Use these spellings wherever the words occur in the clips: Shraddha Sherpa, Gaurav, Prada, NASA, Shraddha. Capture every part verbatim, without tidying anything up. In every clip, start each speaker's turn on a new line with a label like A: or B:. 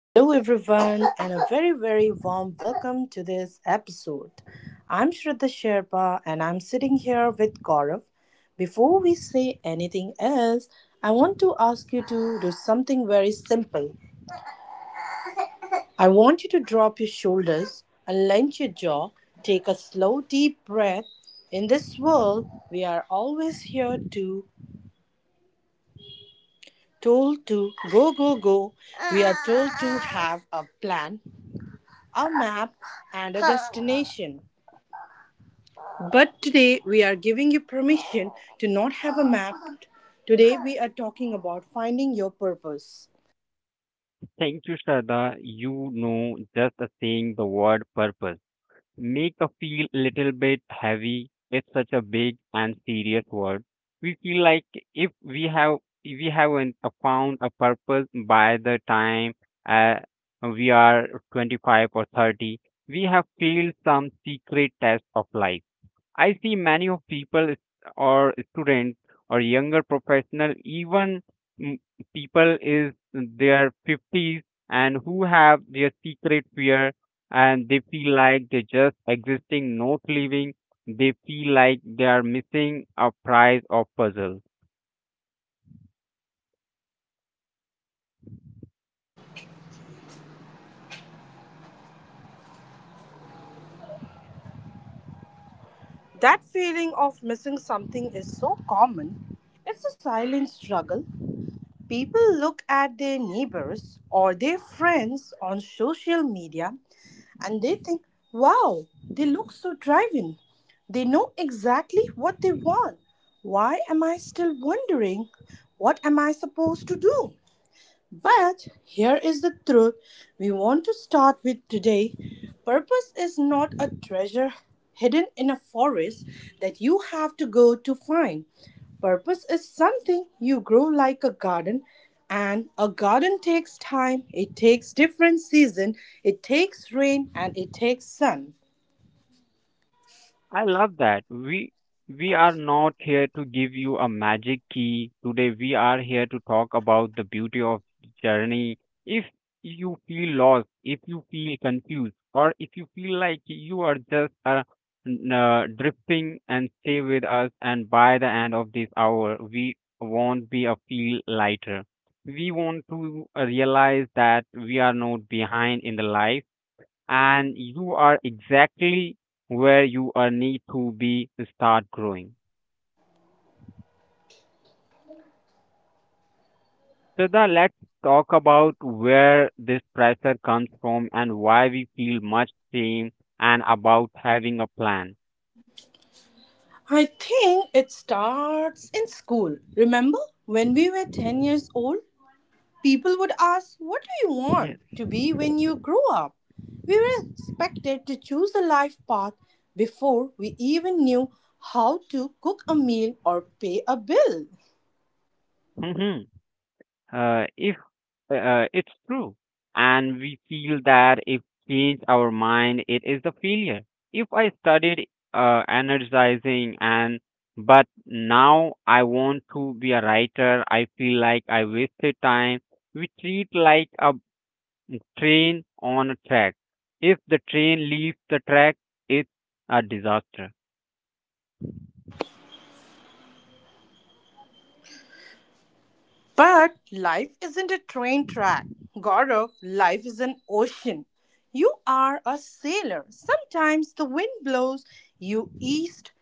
A: Hello, everyone, and a very, very warm welcome to this episode. I'm Shraddha Sherpa, and I'm sitting here with Gaurav. Before we say anything else, I want to ask you to do something very simple. I want you to drop your shoulders, unlench your jaw, take a slow, deep breath. In this world, we are always here to told to go, go, go, we are told to have a plan, a map, and a destination. But today we are giving you permission to not have a map. Today we are talking about finding your purpose.
B: Thank you, Shraddha. You know, just uh, Saying the word purpose make us feel a little bit heavy. It's such a big and serious word. We feel like if we have if we haven't uh, found a purpose by the time uh, we are twenty-five or thirty, we have failed some secret test of life. I see many of people or students or younger professional, even mm, people is their fifties and who have their secret fear, and they feel like they just existing, not living. They feel like they are missing a prize or puzzle.
A: That feeling of missing something is so common. It's a silent struggle. People look at their neighbors or their friends on social media and they think, wow, they look so driving. They know exactly what they want. Why am I still wondering? What am I supposed to do? But here is the truth we want to start with today. Purpose is not a treasure hidden in a forest that you have to go to find. Purpose is something you grow like a garden, and a garden takes time, it takes different season, it takes rain and it takes sun.
B: I love that. We we are not here to give you a magic key. Today we are here to talk about the beauty of journey. If you feel lost, if you feel confused, or if you feel like you are just uh, n- uh, drifting, and stay with us, and by the end of this hour we won't be a feel lighter. We want to uh, realize that we are not behind in the life, and you are exactly where you are need to be to start growing. So the let's talk about where this pressure comes from and why we feel much shame and about having a plan.
A: I think it starts in school. Remember when we were ten years old? People would ask, what do you
B: Yes.
A: want to be when you grow up? We were expected to choose a life path before we even knew how to cook a meal or pay a bill.
B: Hmm. Uh, if Uh, it's true. And we feel that if change our mind, it is the failure. If I studied uh, energizing and but now I want to be a writer, I feel like I wasted time. We treat like a train on a track. If the train leaves the track, it's a disaster.
A: But life isn't a train track. Gaurav, life is an ocean. You are a sailor. Sometimes the wind blows you east,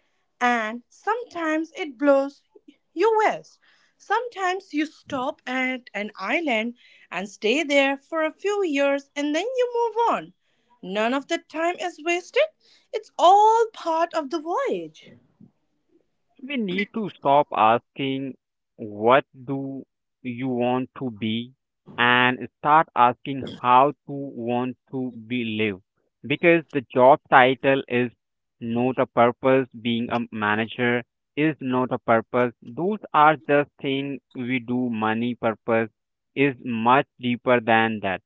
A: and sometimes it blows you west. Sometimes you stop at an island and stay there for a few years and then you move on. None of the time is wasted, it's all part of the voyage.
B: We need to stop asking, "What do you want to be?" and start asking, "How to want to be live?" Because the job title is not a purpose, being a manager is not a purpose. Those are just things we do. Money purpose is much deeper than that.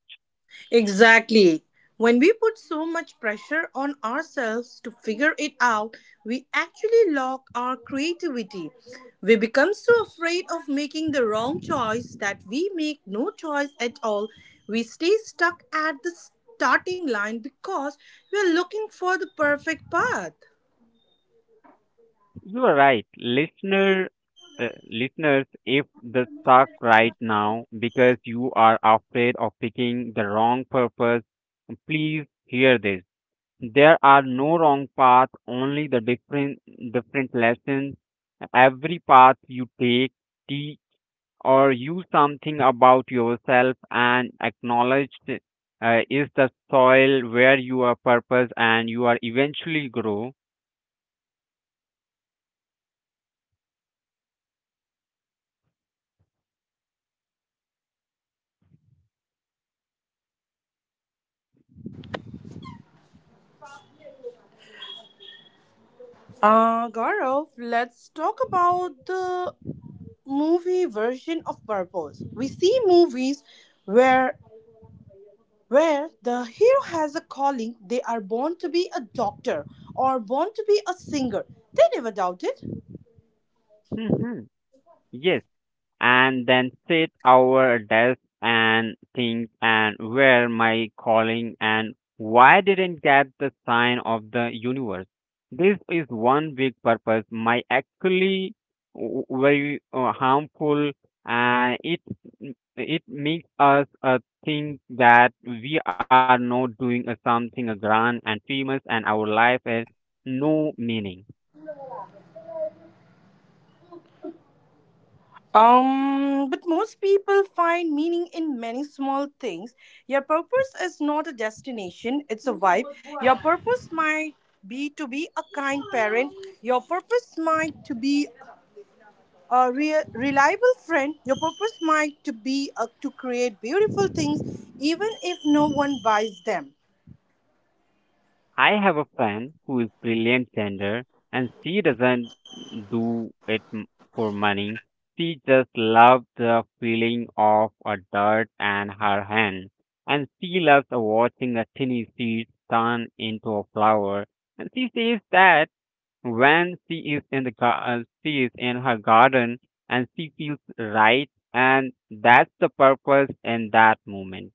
A: Exactly. When we put so much pressure on ourselves to figure it out, we actually lock our creativity. We become so afraid of making the wrong choice that we make no choice at all. We stay stuck at the starting line because we're looking for the perfect path.
B: You are right, listener, uh, listeners. If the stuck right now because you are afraid of picking the wrong purpose, please hear this. There are no wrong path, only the different different lessons. Every path you take teach or you something about yourself, and acknowledged uh, is the soil where you are purpose and you are eventually grow.
A: Uh, Gaurav, let's talk about the movie version of purpose. We see movies where where the hero has a calling. They are born to be a doctor or born to be a singer. They never doubt it.
B: Mhm. Yes, and then sit over a desk and think and where my calling and why didn't get the sign of the universe. This is one big purpose my actually w- very uh, harmful, and it it makes us uh, think that we are not doing uh, something uh, grand and famous and our life has no meaning.
A: Um, but most people find meaning in many small things. Your purpose is not a destination, it's a vibe. Your purpose might be to be a kind parent. Your purpose might to be a real reliable friend. Your purpose might to be uh, to create beautiful things even if no one buys them.
B: I have a friend who is brilliant sender, and she doesn't do it m- for money. She just loves the feeling of a dirt and her hand. And she loves watching a tiny seed turn into a flower. And she says that when she is in the gar- uh, she is in her garden and she feels right, and that's the purpose in that moment.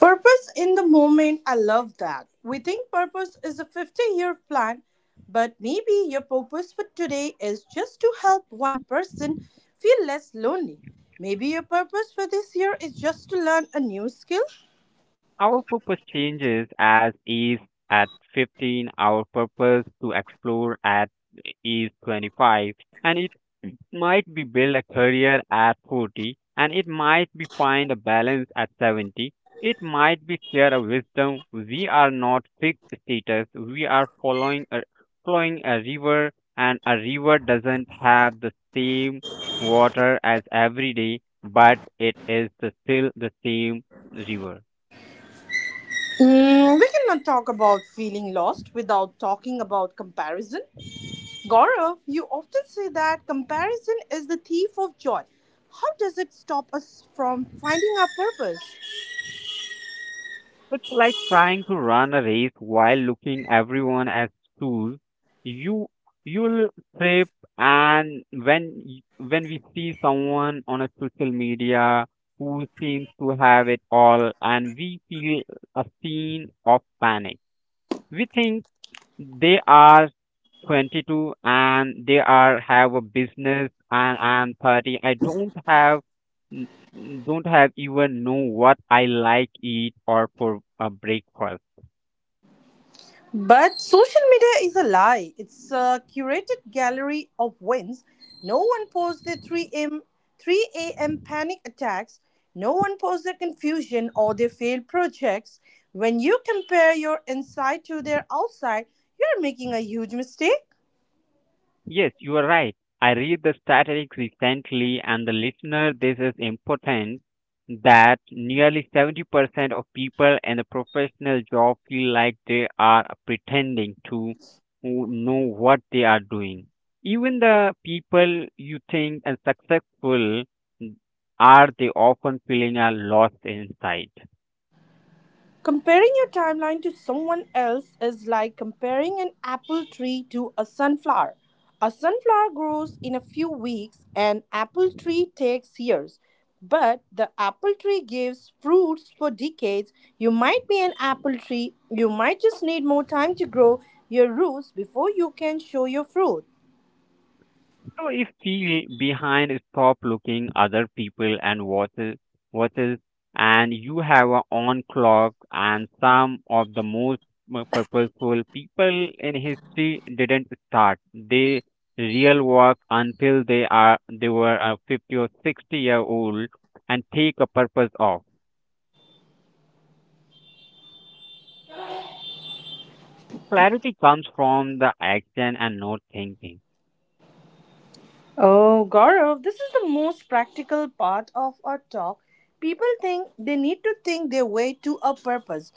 A: Purpose in the moment, I love that. We think purpose is a fifty year plan, but maybe your purpose for today is just to help one person feel less lonely. Maybe your purpose for this year is just to learn a new skill.
B: Our purpose changes as is at fifteen, our purpose to explore at is twenty-five, and it might be build a career at forty, and it might be find a balance at seventy. It might be share a wisdom. We are not fixed status. We are following a, flowing a river, and a river doesn't have the same water as every day, but it is the, still the same river.
A: Mm, we cannot talk about feeling lost without talking about comparison. Gaurav, you often say that comparison is the thief of joy. How does it stop us from finding our purpose?
B: It's like trying to run a race while looking everyone as tools. You you'll trip, and when y- when we see someone on a social media who seems to have it all, and we feel a scene of panic, we think they are twenty-two and they are have a business and I'm thirty. I don't have n- n- don't have even know what I like eat or for a breakfast.
A: But social media is a lie. It's a curated gallery of wins. No one posts their three a m three a m panic attacks. No one posts their confusion or their failed projects. When you compare your inside to their outside, you're making a huge mistake.
B: Yes, you are right. I read the statistics recently, and the listener, this is important that nearly seventy percent of people in the professional job feel like they are pretending to w- know what they are doing. Even the people you think are successful are they often feeling a lost inside.
A: Comparing your timeline to someone else is like comparing an apple tree to a sunflower. A sunflower grows in a few weeks, an apple tree takes years. But the apple tree gives fruits for decades. You might be an apple tree, you might just need more time to grow your roots before you can show your fruit.
B: So if feel behind, stop looking other people and what is what is, and you have a on clock. And some of the most m- purposeful people in history didn't start. They real work until they are they were uh, fifty or sixty year old and take a purpose off. Clarity comes from the action and not thinking.
A: Oh, Gaurav, this is the most practical part of our talk. People think they need to think their way to a purpose.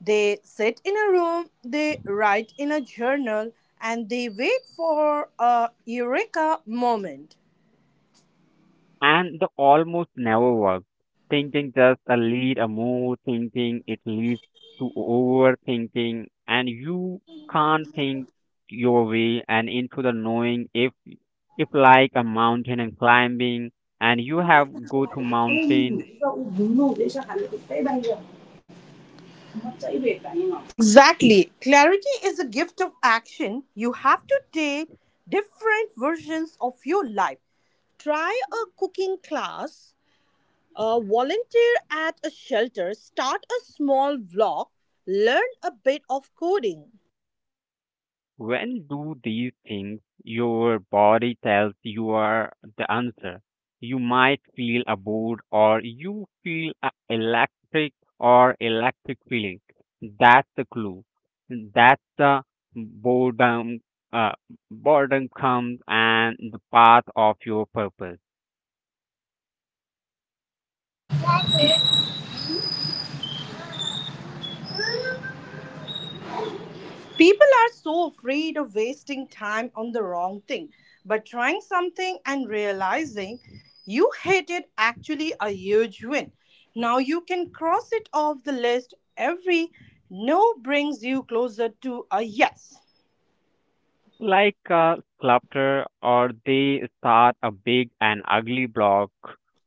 A: They sit in a room, they write in a journal, and they wait for a eureka moment.
B: And the almost never work. Thinking just a lead a move, thinking, it leads to overthinking, and you can't think your way and into the knowing if if like a mountain and climbing and you have go to mountain.
A: Exactly. Clarity is a gift of action. You have to take different versions of your life. Try a cooking class, Uh, volunteer at a shelter, start a small vlog, learn a bit of coding.
B: When do these things your body tells you are the answer? You might feel a bored or you feel a electric or electric feeling. That's the clue. That's the boredom. Uh, Boredom comes and the path of your purpose.
A: People are so afraid of wasting time on the wrong thing, but trying something and realizing you hate it actually a huge win. Now you can cross it off the list. Every no brings you closer to a yes.
B: Like a sculptor or they start a big and ugly block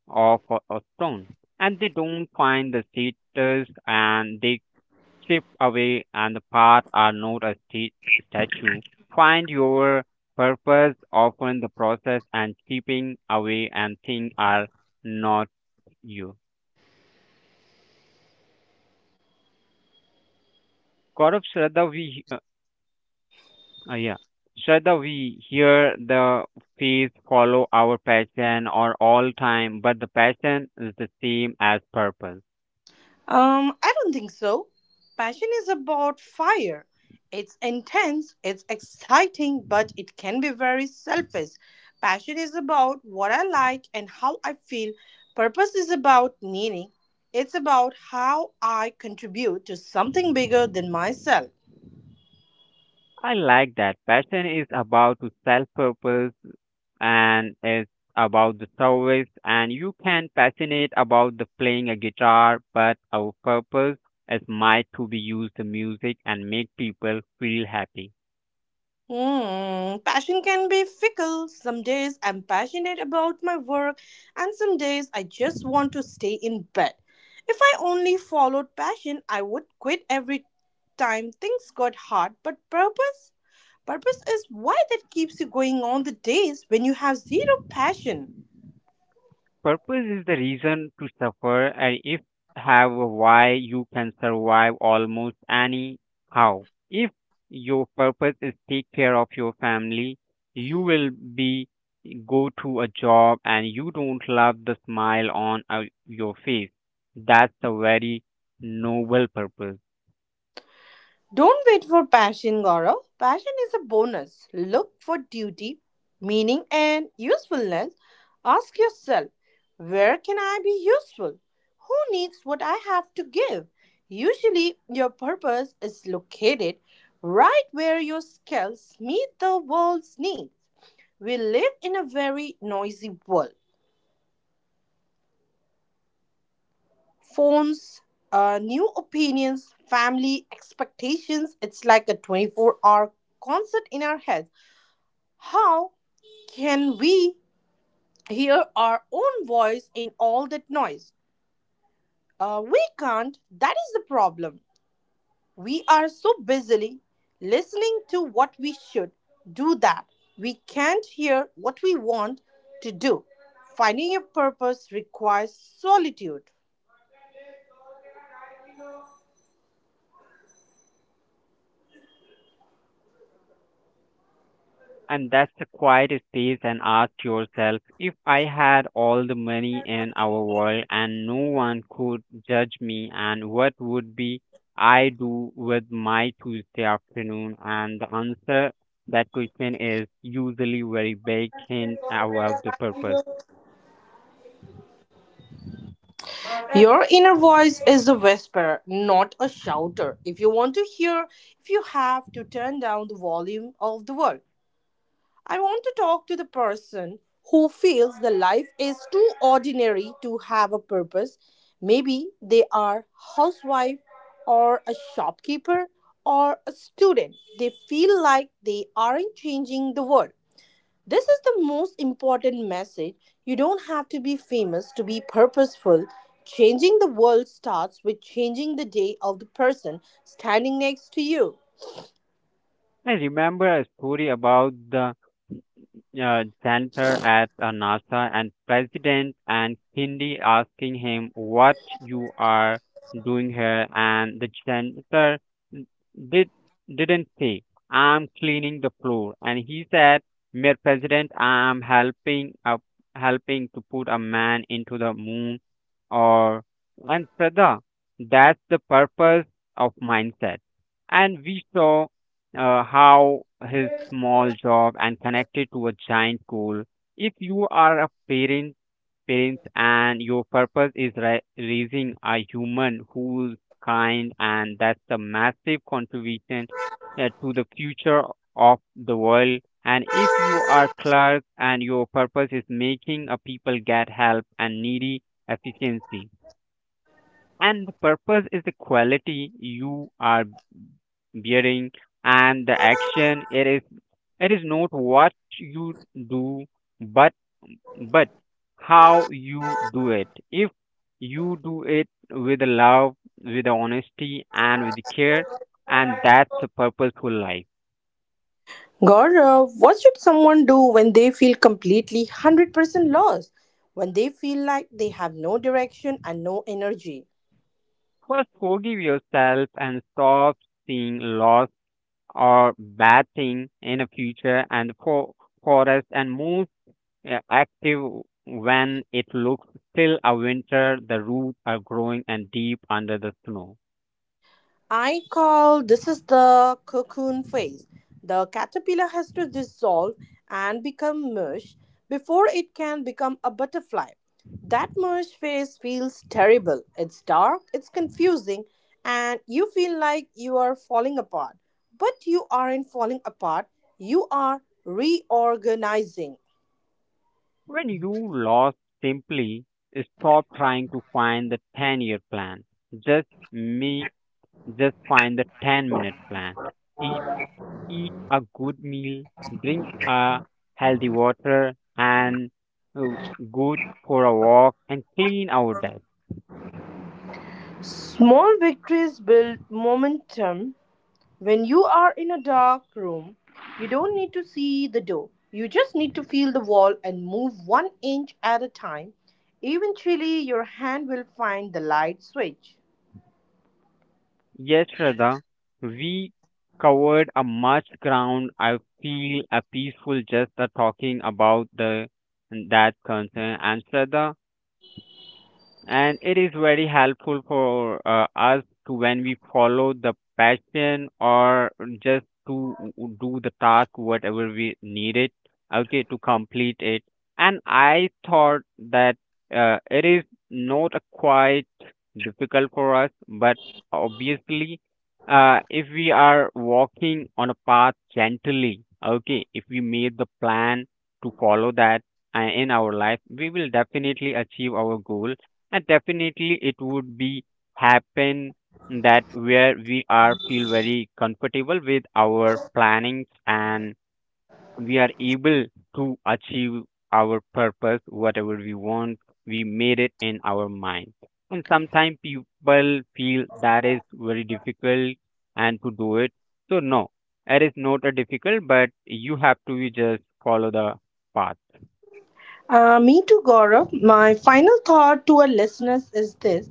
B: of a, a stone, and they don't find the status and they chip away, and the path are not a sta- statue. Find your purpose often the process and chipping away and things are not you. Gaurav shraddha we uh, Uh, yeah. Shraddha, we hear the phrase follow our passion or all time, but the passion is the same as purpose.
A: Um, I don't think so. Passion is about fire. It's intense, it's exciting, but it can be very selfish. Passion is about what I like and how I feel. Purpose is about meaning. It's about how I contribute to something bigger than myself.
B: I like that. Passion is about to self purpose, and it's about the service, and you can passionate about the playing a guitar, but our purpose is might to be use the music and make people feel happy.
A: Hmm, passion can be fickle. Some days I'm passionate about my work, and some days I just want to stay in bed. If I only followed passion, I would quit every time things got hard. But purpose? Purpose is why that keeps you going on the days when you have zero passion.
B: Purpose is the reason to suffer, and if have a why, you can survive almost anyhow. If your purpose is take care of your family, you will be go to a job and you don't love the smile on uh, your face. That's a very noble purpose.
A: Don't wait for passion, Gaurav. Passion is a bonus. Look for duty, meaning, and usefulness. Ask yourself, where can I be useful? Who needs what I have to give? Usually, your purpose is located right where your skills meet the world's needs. We live in a very noisy world. Phones, uh, new opinions, family expectations. It's like a twenty-four hour concert in our heads. How can we hear our own voice in all that noise? Uh, we can't. That is the problem. We are so busily listening to what we should do that we can't hear what we want to do. Finding a purpose requires solitude.
B: And that's a quiet space and ask yourself if I had all the money in our world and no one could judge me and what would be I do with my Tuesday afternoon, and the answer that question is usually very vague hint about the purpose.
A: Your inner voice is a whisperer, not a shouter. If you want to hear, if you have to turn down the volume of the world, I want to talk to the person who feels the life is too ordinary to have a purpose. Maybe they are housewife or a shopkeeper or a student. They feel like they aren't changing the world. This is the most important message. You don't have to be famous to be purposeful. Changing the world starts with changing the day of the person standing next to you.
B: I remember a story about the uh, janitor at uh, NASA and president and Hindi asking him what you are doing here, and the janitor did didn't say I'm cleaning the floor and he said, "mister President, I'm helping up helping to put a man into the moon." Or and Prada, that's the purpose of mindset, and we saw uh, how his small job and connected to a giant goal. If you are a parent, parents, and your purpose is ra- raising a human who's kind, and that's a massive contribution uh, to the future of the world. And if you are clerk and your purpose is making a people get help and needy efficiency, and the purpose is the quality you are bearing and the action, it is it is not what you do, but but how you do it. If you do it with love, with honesty and with care, and that's a purposeful life.
A: Gaurav, what should someone do when they feel completely one hundred percent lost? When they feel like they have no direction and no energy?
B: First forgive yourself and stop seeing loss or bad thing in the future and for for us and move uh, active when it looks still a winter, the roots are growing and deep under the snow.
A: I call this is the cocoon phase. The caterpillar has to dissolve and become mush before it can become a butterfly. That mush phase feels terrible. It's dark, it's confusing, and you feel like you are falling apart. But you aren't falling apart, you are reorganizing.
B: When you lost, simply stop trying to find the ten year plan. Just make, just find the ten minute plan. Eat, eat a good meal, drink a healthy water and uh, go for a walk and clean our desk.
A: Small victories build momentum. When you are in a dark room, you don't need to see the door. You just need to feel the wall and move one inch at a time. Eventually, your hand will find the light switch.
B: Yes, Shraddha, we covered a much ground. I feel a peaceful just the talking about the that concern. And Shraddha, and it is very helpful for uh, us to when we follow the passion or just to w- do the task whatever we need it okay to complete it. And I thought that uh, it is not a quite difficult for us, but obviously uh, if we are walking on a path gently, okay, if we made the plan to follow that uh, in our life, we will definitely achieve our goal, and definitely it would be happen that where we are feel very comfortable with our plannings, and we are able to achieve our purpose whatever we want we made it in our mind. And sometimes people feel that is very difficult and to do it, so no, it is not a difficult, but you have to just follow the path.
A: Uh, me too, Gaurav. My final thought to our listeners is this: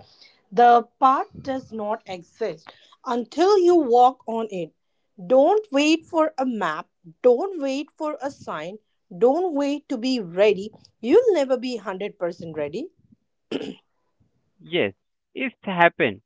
A: the path does not exist until you walk on it. Don't wait for a map, don't wait for a sign, don't wait to be ready. You'll never be one hundred percent ready.
B: Yes, it's happened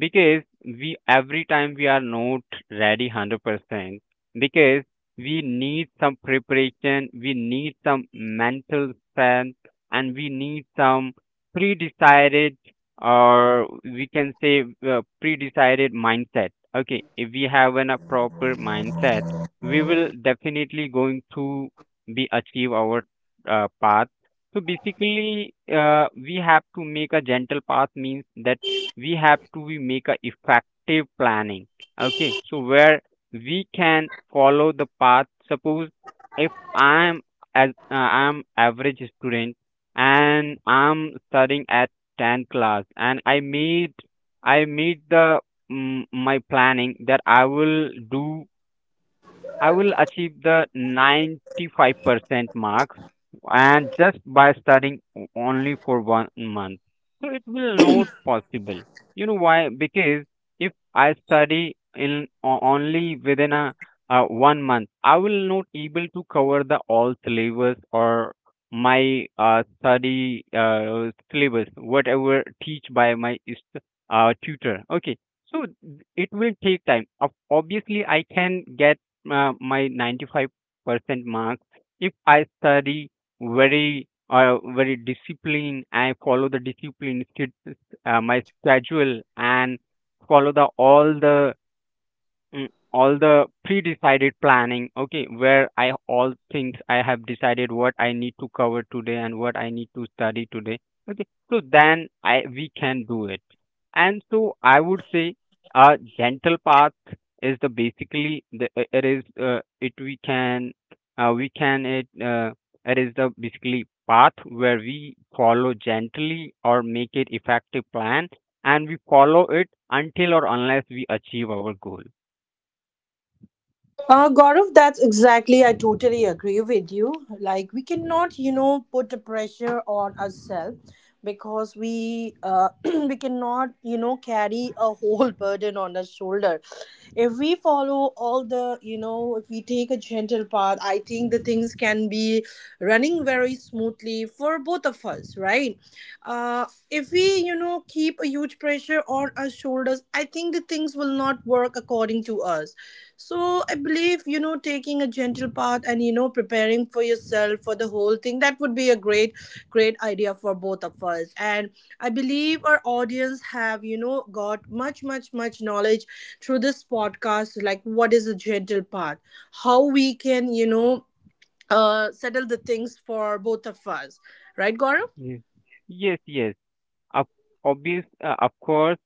B: because we every time we are not ready one hundred percent because we need some preparation, we need some mental strength, and we need some pre-decided or we can say uh, pre-decided mindset. Okay, if we have an, a proper mindset, we will definitely going to be achieve our uh, path. So basically, uh, we have to make a gentle path means that we have to be make a effective planning. Okay, so where we can follow the path. Suppose if I am as uh, I am average student and I'm studying at ten class and I made I made the mm, my planning that I will do I will achieve the ninety-five percent marks and just by studying o- only for one month. So it will not possible. You know why? Because if I study in o- only within a uh, one month, I will not able to cover the all syllabus or my uh, study uh, syllabus, whatever teach by my is- uh, tutor. Okay, so it will take time. Ob- Obviously, I can get uh, my ninety-five percent marks if I study very uh, very disciplined. I follow the discipline sch- uh, my schedule and follow the all the Mm, all the pre-decided planning. Okay, where I, all things I have decided, what I need to cover today and what I need to study today. Okay, so then I we can do it. And so I would say a gentle path is the basically the I- it is uh, it we can uh, we can it uh, it is the basically path where we follow gently or make it effective plan, and we follow it until or unless we achieve our goal.
A: Uh, Gaurav, that's exactly, I totally agree with you. Like, we cannot, you know, put the pressure on ourselves, because we uh, we cannot you know carry a whole burden on our shoulder. If we follow all the you know if we take a gentle path, I think the things can be running very smoothly for both of us, right? Uh if we you know keep a huge pressure on our shoulders, I think the things will not work according to us. So I believe, you know, taking a gentle path and, you know, preparing for yourself for the whole thing, that would be a great, great idea for both of us. And I believe our audience have, you know, got much, much, much knowledge through this podcast, like what is a gentle path, how we can, you know, uh, settle the things for both of us. Right, Gaurav?
B: Yes. Yes, yes. Of obvious, uh, of course,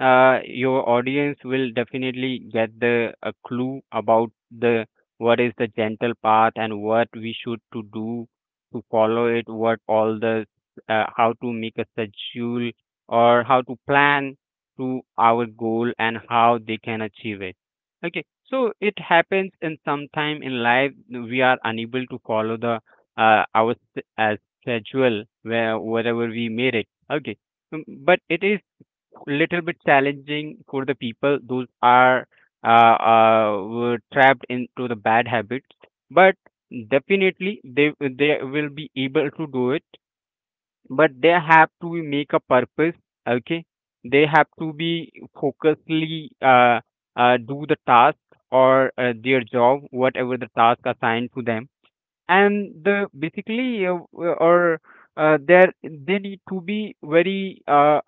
B: uh, your audience will definitely get the a clue about the what is the gentle path and what we should to do to follow it, what all the uh, how to make a schedule or how to plan to our goal and how they can achieve it. Okay, so it happens in sometime in life we are unable to follow the uh, our s- uh, schedule where wherever we made it. Okay. Mm, but it is little bit challenging for the people those are uh, uh, were trapped into the bad habits. But definitely they they will be able to do it. But they have to make a purpose. Okay, they have to be focusedly uh, uh, do the task or uh, their job, whatever the task assigned to them. And the basically uh, w- or uh, there they need to be very uh,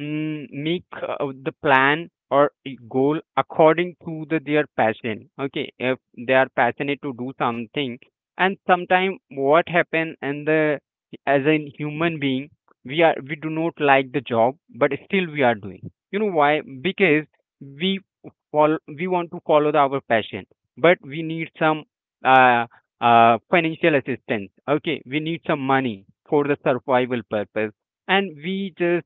B: mm, make uh, the plan or a goal according to the their passion. Okay, if they are passionate to do something. And sometime what happen, and the as a human being we are we do not like the job, but still we are doing. You know why? Because we follow we want to follow the, our passion, but we need some uh uh, financial assistance. Okay, we need some money for the survival purpose, and we just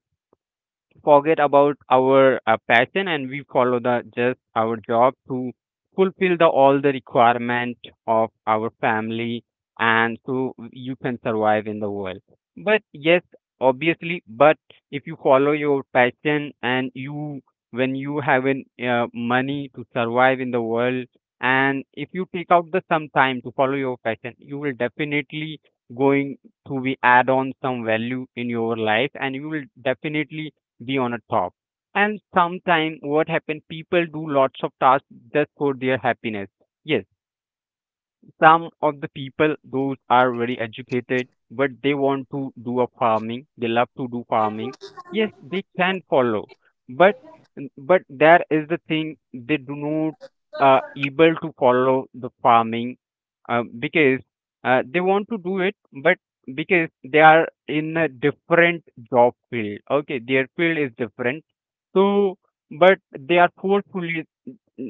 B: forget about our uh, passion, and we follow the just our job to fulfill the all the requirement of our family. And so you can survive in the world. But yes, obviously. But if you follow your passion and you when you have an uh, money to survive in the world, and if you take out the some time to follow your passion, you will definitely going to be add on some value in your life, and you will definitely be on a top. And sometime what happen, people do lots of tasks just for their happiness. Yes, some of the people those are very educated, but they want to do a farming, they love to do farming. Yes, they can follow. But but there is the thing. They do not uh, able to follow the farming uh, because uh, they want to do it. But because they are in a different job field. Okay, their field is different. So but they are forcefully,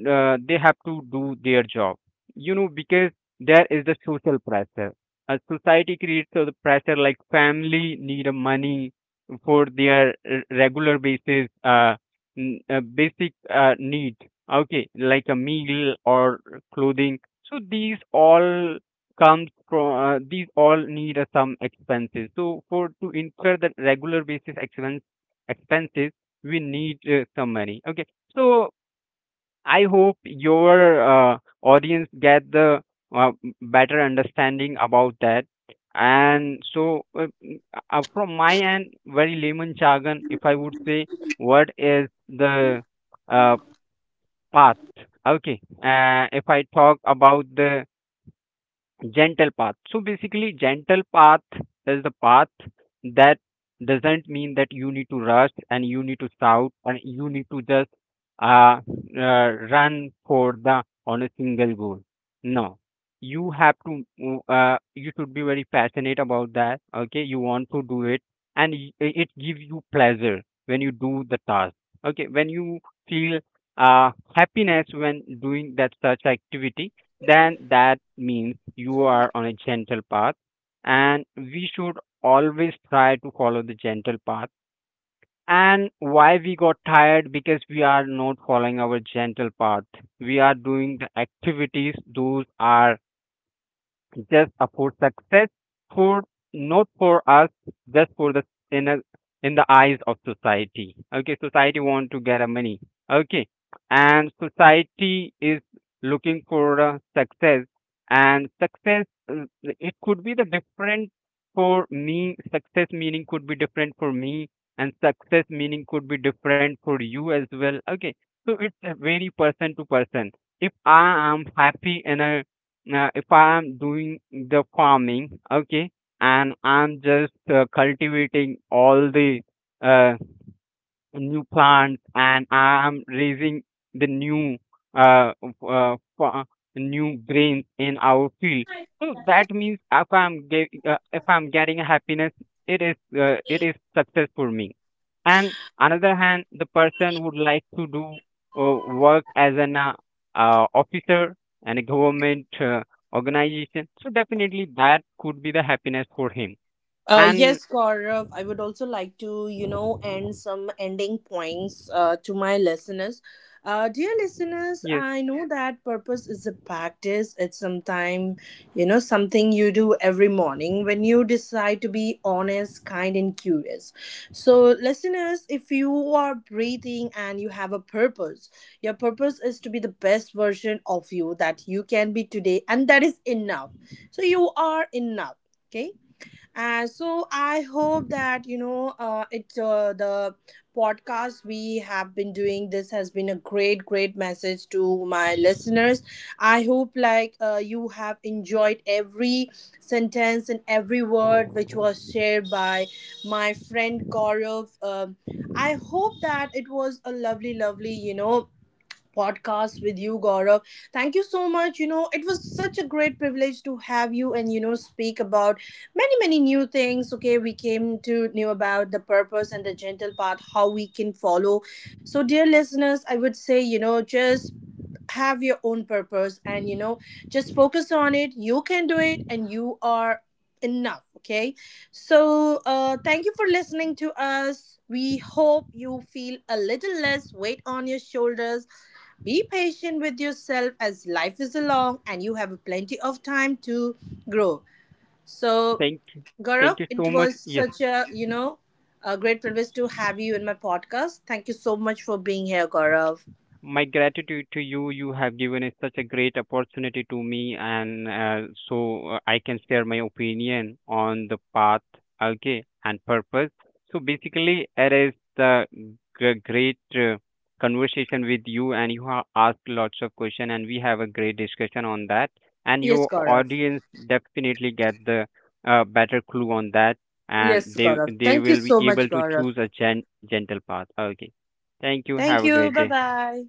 B: uh, they have to do their job. You know, because there is the social pressure. A society creates so the pressure, like family need a money for their r- regular basis, uh, n- uh basic uh, need. Okay, like a meal or clothing. So these all comes from uh, these all need uh, some expenses. So for to incur the regular basis expense expenses, we need uh, some money. Okay, so I hope your uh, audience get the uh, better understanding about that. And so, uh, m- uh, from my end, very layman jargon, if I would say, what is the uh, path? Okay. Uh, if I talk about the gentle path. So basically gentle path is the path that doesn't mean that you need to rush and you need to shout and you need to just uh, uh run for the on a single goal. No, you have to mm, uh, you should be very passionate about that. Okay, you want to do it, and y- i- it gives you pleasure when you do the task. Okay, when you feel uh happiness when doing that such activity, then that means you are on a gentle path. And we should always try to follow the gentle path. And why we got tired? Because we are not following our gentle path. We are doing the activities those are just uh, for success, for not for us, just for the in a, in the eyes of society. Okay, society want to get a money. Okay, and society is looking for uh, success, and success uh, it could be the different for me. Success meaning could be different for me, and success meaning could be different for you as well. Okay, so it's uh, very person to person. If I am happy in a now, if I am doing the farming, okay, and I'm just uh, cultivating all the uh, new plants, and I'm raising the new uh, uh fa- new grains in our field. So that means, if I'm get, uh, if I'm getting happiness, it is uh, it is success for me. And another hand, the person would like to do uh, work as an uh, uh, officer and a government uh, organization. So definitely that could be the happiness for him.
A: Uh,
B: And
A: yes, Gaurav, I would also like to, you know, end some ending points uh, to my listeners. Uh, dear listeners,
B: yes,
A: I know that purpose is a practice. It's sometime, you know, something you do every morning when you decide to be honest, kind, and curious. So, listeners, if you are breathing and you have a purpose, your purpose is to be the best version of you that you can be today, and that is enough. So, you are enough. Okay, and so I hope that you know uh, it uh, the podcast we have been doing this has been a great, great message to my listeners. I hope, like, uh, you have enjoyed every sentence and every word which was shared by my friend Gaurav. Um, i hope that it was a lovely, lovely you know podcast with you, Gaurav. Thank you so much. You know, it was such a great privilege to have you and, you know, speak about many, many new things. Okay, we came to know about the purpose and the gentle path, how we can follow. So, dear listeners, I would say, you know, just have your own purpose and, you know, just focus on it. You can do it and you are enough. Okay. So, uh, thank you for listening to us. We hope you feel a little less weight on your shoulders. Be patient with yourself, as life is long and you have plenty of time to grow. So,
B: thank you,
A: Gaurav,
B: thank you
A: it
B: so much.
A: was
B: Yes.
A: such a, you know, a great privilege to have you in my podcast. Thank you so much for being here, Gaurav.
B: My gratitude to you. You have given us such a great opportunity to me, and uh, so uh, I can share my opinion on the path. Okay, and purpose. So basically it is the g- great uh, conversation with you, and you have asked lots of questions, and we have a great discussion on that. And
A: Yes,
B: your
A: Gaurav.
B: audience definitely get the uh, better clue on that, and
A: Yes,
B: they
A: Gaurav.
B: they
A: Thank you
B: will be
A: so
B: able
A: much,
B: to
A: Gaurav.
B: choose a gen- gentle path. Okay, thank you.
A: Thank
B: Have a
A: you.
B: great
A: Bye
B: day.
A: bye.